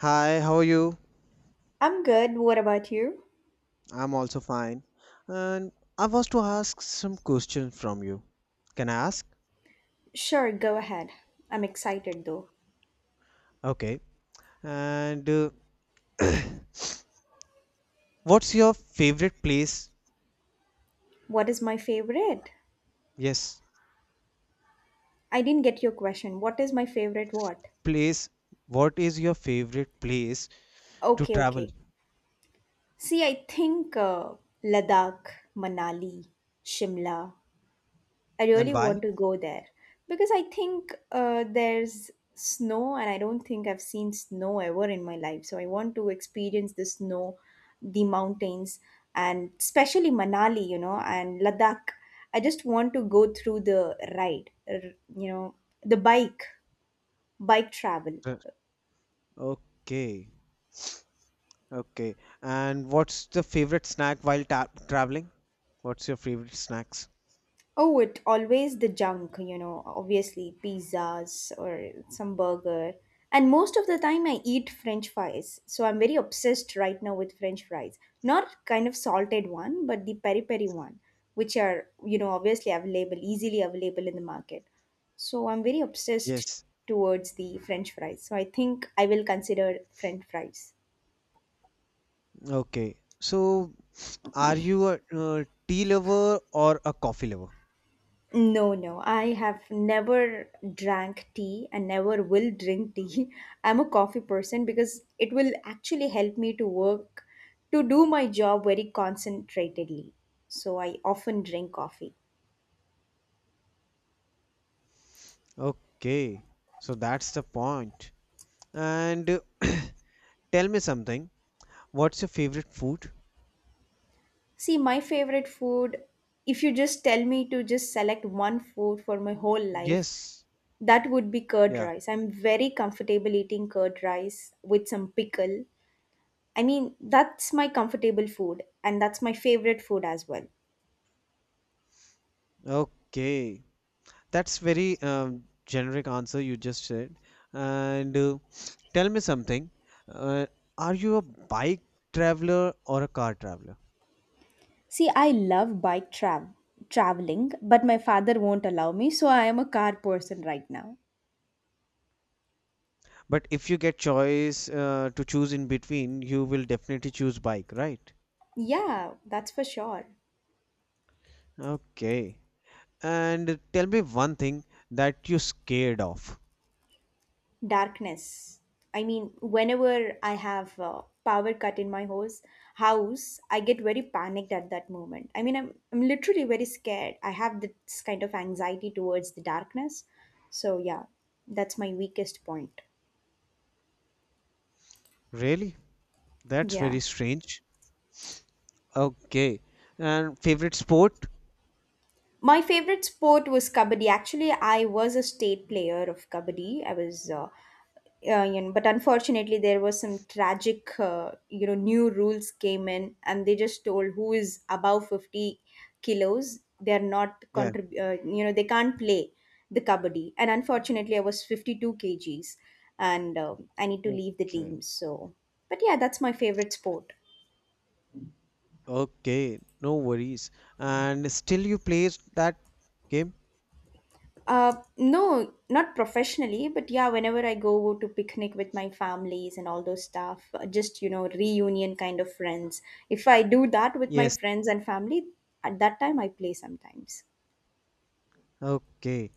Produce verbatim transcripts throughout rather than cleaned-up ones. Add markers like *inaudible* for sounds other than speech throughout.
Hi, how are you? I'm good. What about you? I'm also fine. And I was to ask some questions from you. Can I ask? Sure, go ahead. I'm excited though. Okay. And uh, *coughs* *clears throat* What's your favorite place? What is my favorite? Yes, I didn't get your question. What is my favorite what? place. What is your favorite place to Okay, travel, okay. See, I think uh, Ladakh, Manali, Shimla, I and really why? want to go there because I think uh, there's snow, and I don't think I've seen snow ever in my life. So I want to experience the snow, the mountains, and especially Manali, you know, and Ladakh. I just want to go through the ride, r- you know, the bike, bike travel. Sure. Okay. Okay. And what's the favorite snack while ta traveling? What's your favorite snacks? Oh, it always the junk, you know, obviously pizzas or some burger. And most of the time I eat french fries. So I'm very obsessed right now with french fries. Not kind of salted one, but the peri peri one, which are, you know, obviously available, easily available in the market. So I'm very obsessed Yes. towards the french fries. So I think I will consider french fries. Okay. So, are you a uh, tea lover or a coffee lover? No, no, I have never drank tea and never will drink tea. *laughs* I'm a coffee person because it will actually help me to work, to do my job very concentratedly. So I often drink coffee. Okay, so that's the point. And *coughs* uh, *clears throat* tell me something. What's your favorite food? See, my favorite food, if you just tell me to just select one food for my whole life, Yes. that would be curd Yeah. rice. I'm very comfortable eating curd rice with some pickle. I mean, that's my comfortable food and that's my favorite food as well. Okay. That's very um, generic answer you just said. And uh, tell me something. Uh, are you a bike traveler or a car traveler? See, I love bike trav- traveling, but my father won't allow me, so I am a car person right now. But if you get choice uh, to choose in between, you will definitely choose bike, right? Yeah, that's for sure. Okay. And tell me one thing that you're scared of. Darkness. I mean, whenever I have uh, power cut in my hose, house, I get very panicked at that moment. I mean, I'm, I'm literally very scared. I have this kind of anxiety towards the darkness. So, yeah, that's my weakest point. Really? That's Yeah. very strange. Okay. And favorite sport? My favorite sport was kabaddi. Actually, I was a state player of kabaddi. I was, uh, uh, you know, but unfortunately, there was some tragic, uh, you know, new rules came in, and they just told who is above fifty kilos, they are not Yeah. contrib- uh, you know, they can't play the kabaddi. And unfortunately, I was fifty-two kgs, and um I need to leave the Okay. team. So, but yeah, that's my favorite sport. Okay. No worries. And still you play that game? Uh, no, not professionally, but yeah, whenever I go to picnic with my families and all those stuff, uh, just you know, reunion kind of friends. If I do that with my Yes. friends and family, at that time I play sometimes. Okay.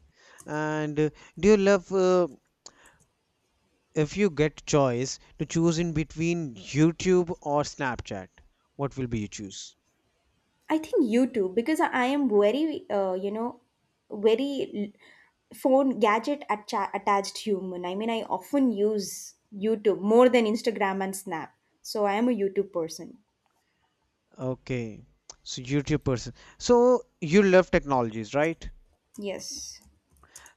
And uh, do you love uh, if you get choice to choose in between YouTube or Snapchat, what will be you choose? I think you too, because I I am very, uh, you know, very l- phone gadget atta- attached human. I mean, I often use YouTube more than Instagram and Snap. So I am a YouTube person. Okay. So YouTube person. So you love technologies, right? Yes.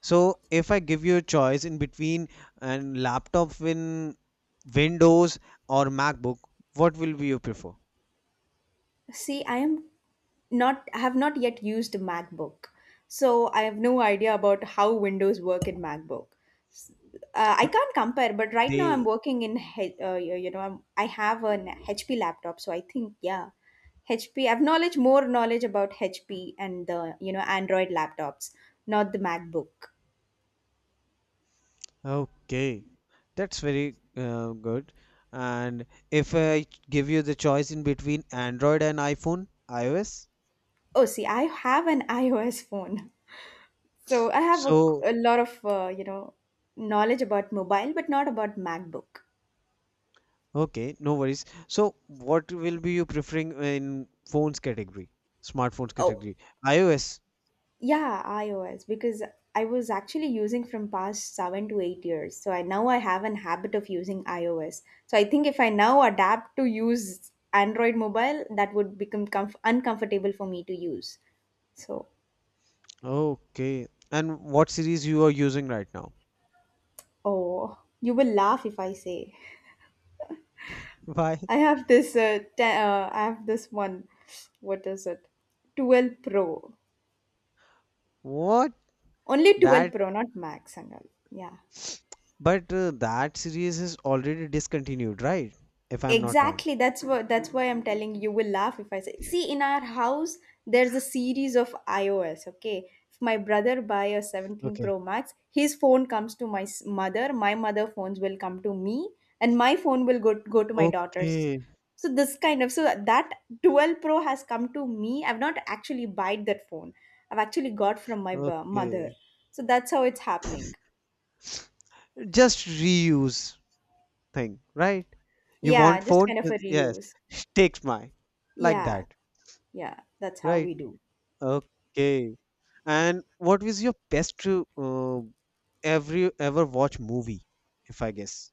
So if I give you a choice in between an laptop in Windows or MacBook, what will be you prefer? See, I am not I have not yet used a MacBook, so I have no idea about how Windows work in MacBook. Uh, I N- can't compare, but right now I'm They working in H- uh, you you know I'm, I have an H P laptop, so I think yeah, H P. I've knowledge more knowledge about H P and the you know Android laptops, not the MacBook. okay, that's very uh, good. And if I give you the choice in between Android and iPhone, iOS, Oh, see, I have an *laughs* iOS phone, so I have a, so a lot of uh, you know knowledge about mobile, but not about MacBook. okay, no worries. So what will be you preferring in phones category, smartphones Oh, category, iOS? yeah, iOS because I was actually using from past seven to eight years. So I now I have an habit of using iOS. So I think if I now adapt to use Android mobile, that would become comf- uncomfortable for me to use. So Okay, and what series you are using right now? oh, you will laugh if I say *laughs* Why? I have this. Uh, te- uh, I have this one. What is it? Twelve Pro. What? Only twelve That Pro, not Max. Sangal. Yeah. but uh, that series is already discontinued, right? If I'm not wrong. Exactly. That's what that's why I'm telling you, you will laugh if I say. See, in our house, there's a series of iOS, okay? If my brother buy a seventeen Okay. Pro Max, his phone comes to my s- mother, my mother phones will come to me, and my phone will go go to my daughter's. Okay, So this kind of so that twelve Pro has come to me. I've not actually bought that phone. I've actually got from my b- mother. okay. So that's how it's happening. Just reuse thing, right? You want Yeah, just phone? kind of Uh, a Yes, reuse. *laughs* takes mine. Like Yeah. that, Yeah, that's how right? we do. Okay. And what was your best uh, every ever watch movie, if I guess?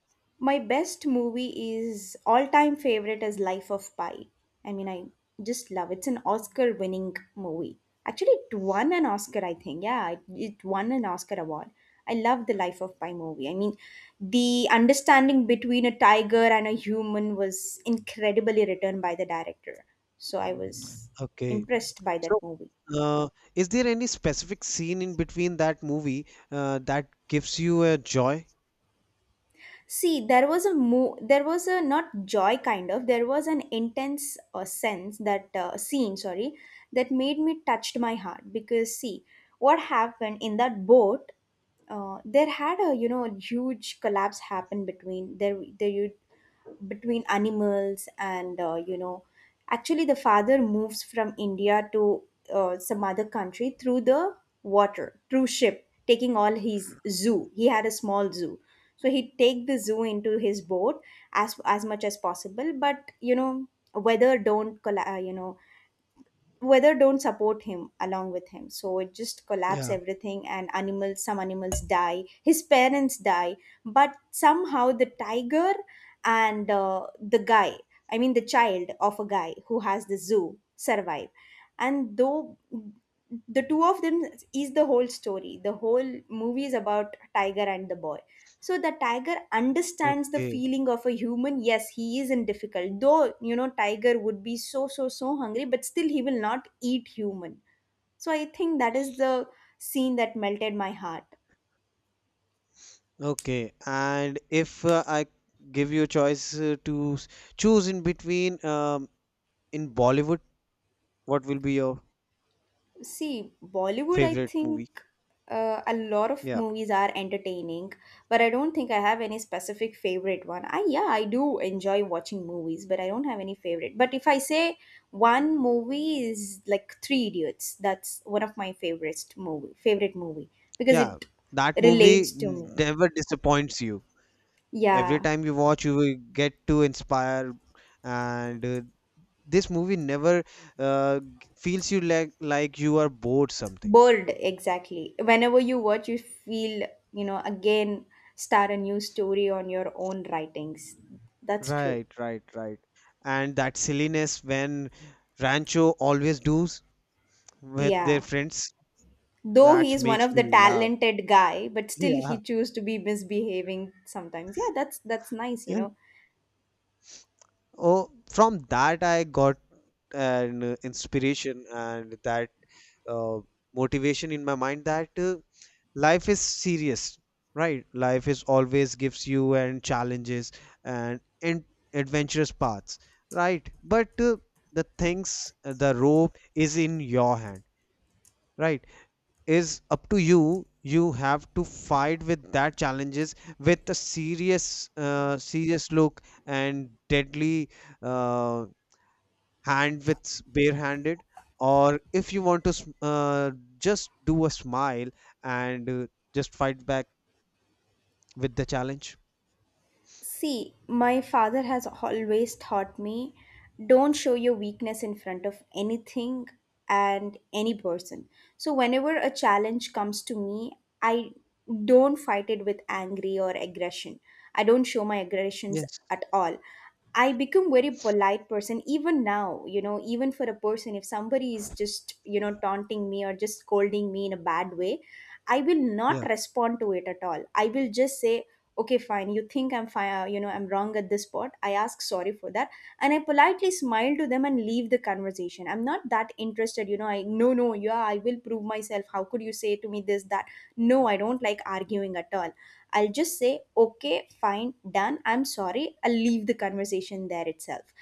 My best movie is all time favorite is Life of Pi. I mean, I just love it's an Oscar winning movie. Actually, it won an Oscar, I think. Yeah, it, it won an Oscar award. I love the Life of Pi movie. I mean, the understanding between a tiger and a human was incredibly written by the director. So I was Okay. impressed by So, that movie. uh, is there any specific scene in between that movie uh, that gives you a joy? See, there was a mo- there was a not joy kind of there was an intense uh, sense that uh, scene sorry that made me touched my heart because see what happened in that boat uh, there had a you know huge collapse happen between there there you between animals and uh, you know actually the father moves from India to uh, some other country through the water through ship taking all his zoo, he had a small zoo. So he'd take the zoo into his boat as as much as possible, but you know weather don't colla- uh, you know weather don't support him along with him, so it just collapse Yeah. everything, and animals, some animals die, his parents die, but somehow the tiger and uh, the guy, I mean the child of a guy who has the zoo survive, and though the two of them is the whole story. The whole movie is about tiger and the boy. So the tiger understands the Okay. feeling of a human. Yes, he is in difficult, though you know tiger would be so so so hungry, but still he will not eat human. So I think that is the scene that melted my heart. Okay. And if uh, I give you a choice uh, to s- choose in between um, in Bollywood, what will be your See, Bollywood, I favorite think movie? uh, a lot of Yeah. movies are entertaining, but I don't think I have any specific favorite one. I yeah, I do enjoy watching movies, but I don't have any favorite. But if I say one movie is like Three Idiots, that's one of my favorites movie, favorite movie because Yeah. it That movie relates to me. never disappoints you. Every Yeah, time you watch, you will get to inspire. And uh, this movie never uh, g- feels you like like you are bored something. bored exactly. Whenever you watch, you feel you know again start a new story on your own writings. That's true. Right, right, right. And that silliness when Rancho always do with their Yeah. friends. Though That he's one makes of the me laugh. *laughs* talented guy, but still Yeah, he choose to be misbehaving sometimes. Yeah, that's that's nice, you yeah. know. Oh, from that I got an uh, inspiration and that uh, motivation in my mind that uh, life is serious, right? Life is always gives you and challenges and and adventurous paths, right? But uh, the things, uh, the rope is in your hand, right? Is up to you, you have to fight with that challenges with a serious uh, serious look and deadly uh, hand with s- barehanded, or if you want to s- uh, just do a smile and uh, just fight back with the challenge. See, my father has always taught me don't show your weakness in front of anything and any person. So, whenever a challenge comes to me, I don't fight it with angry or aggression. I don't show my aggressions Yes. at all. I become very polite person even now, you know, even for a person, if somebody is just, you know, taunting me or just scolding me in a bad way, I will not Yeah. respond to it at all. I will just say okay fine, you think I'm fine, you know I'm wrong at this spot, I ask sorry for that, and I politely smile to them and leave the conversation. I'm not that interested, you know, I no no yeah, I will prove myself, how could you say to me this that. No, I don't like arguing at all. I'll just say okay fine, done, I'm sorry, I'll leave the conversation there itself,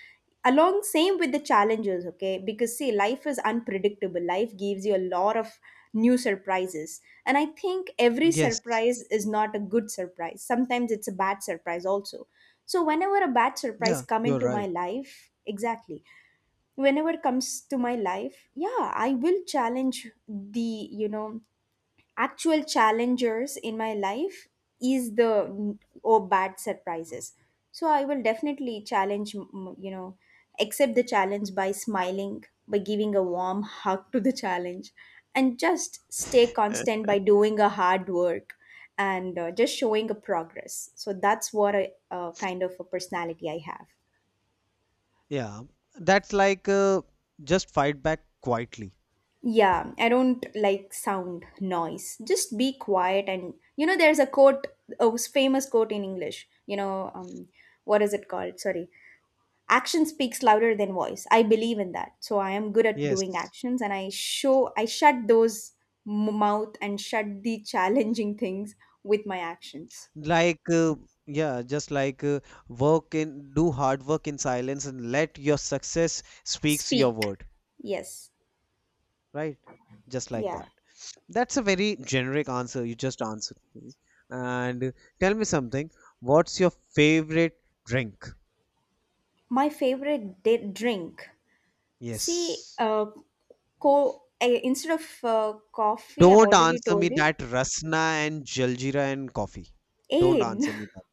along same with the challenges. Okay, because see, life is unpredictable, life gives you a lot of new surprises, and I think every Yes. surprise is not a good surprise, sometimes it's a bad surprise also. So whenever a bad surprise Yeah, come you're into my right. life exactly whenever it comes to my life, yeah I will challenge the you know actual challengers in my life is the n- or bad surprises. So I will definitely challenge m- you know accept the challenge by smiling, by giving a warm hug to the challenge, and just stay constant by doing a hard work, and uh, just showing a progress. So that's what a uh, kind of a personality I have. Yeah, that's like uh, just fight back quietly. Yeah, I don't like sound, noise. Just be quiet, and you know there's a quote, a famous quote in English. You know, um what is it called? Sorry. Action speaks louder than voice. I believe in that. So I am good at doing Yes, actions, and I show I shut those m- mouth and shut the *laughs* challenging things with my actions. like uh, yeah, just like uh, work in do hard work in silence and let your success speaks your Speak. word, Yes. right? Just like Yeah. that. That's a very generic answer you just answered me. And uh, tell me something, what's your favorite drink? My favorite di- drink. See, Yes. uh, co- I, instead of uh, coffee, I've Don't already answer told me you, that rasna and jaljeera and coffee. Don't aid. answer *laughs* me that.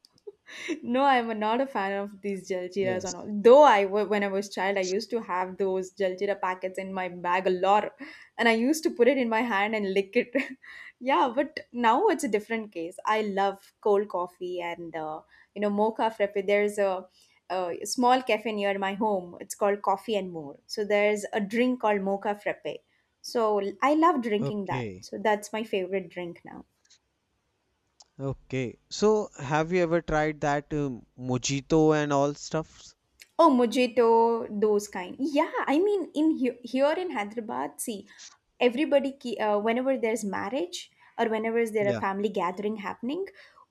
No, I'm not a fan of these jaljeeras Yes. and all. Though I, wa- when I was child, I used to have those jaljeera packets in my bag a lot, and I used to put it in my hand and lick it. *laughs* Yeah, but now it's a different case. I love cold coffee and uh, you know mocha frappe. There's a, a small cafe near my home. It's called Coffee and More. So there's a drink called mocha frappe. So I love drinking that. Okay, So that's my favorite drink now. okay, so have you ever tried that um, mojito and all stuffs? Oh, Mojito, those kind. Yeah, I mean, in he- here in Hyderabad, see, everybody ke- uh, whenever there's marriage or whenever is there a Yeah. family gathering happening,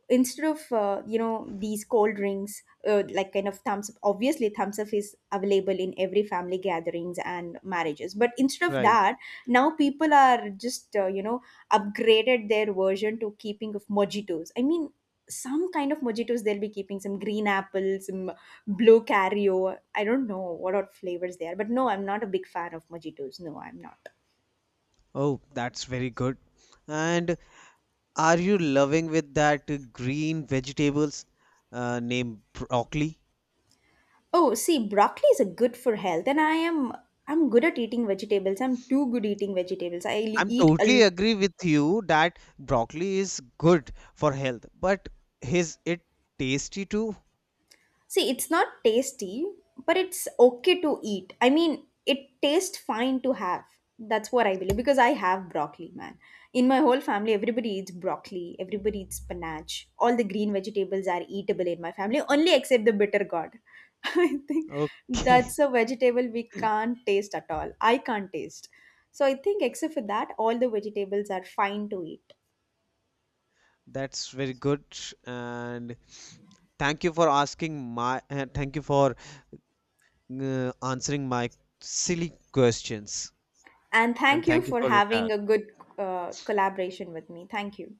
instead of uh, you know these cold drinks, uh, like kind of thumbs up, obviously thumbs up is available in every family gatherings and marriages, but instead of Right. that now people are just uh, you know upgraded their version to keeping of mojitos. I mean, some kind of mojitos they'll be keeping, some green apple, some blue cario, I don't know what are flavors there, but no, I'm not a big fan of mojitos. No, I'm not. Oh, that's very good. And are you loving with that uh, green vegetables uh, named broccoli? Oh, see, broccoli is a good for health, and I am I'm good at eating vegetables. I'm too good eating vegetables. I l- I'm eat totally a, agree with you that broccoli is good for health, but is it tasty too? see, it's not tasty, but it's okay to eat. I mean, it tastes fine to have. That's what I believe because I have broccoli, man. In my whole family, everybody eats broccoli, everybody eats spinach. All the green vegetables are eatable in my family, only except the bitter gourd. *laughs* I think Okay. that's a vegetable we can't taste at all. I can't taste. So I think, except for that, all the vegetables are fine to eat. *laughs* That's very good. And thank you for asking my uh, thank you for uh, answering my silly questions. And And thank you thank you for for your time. having a good uh, collaboration with me. Thank you.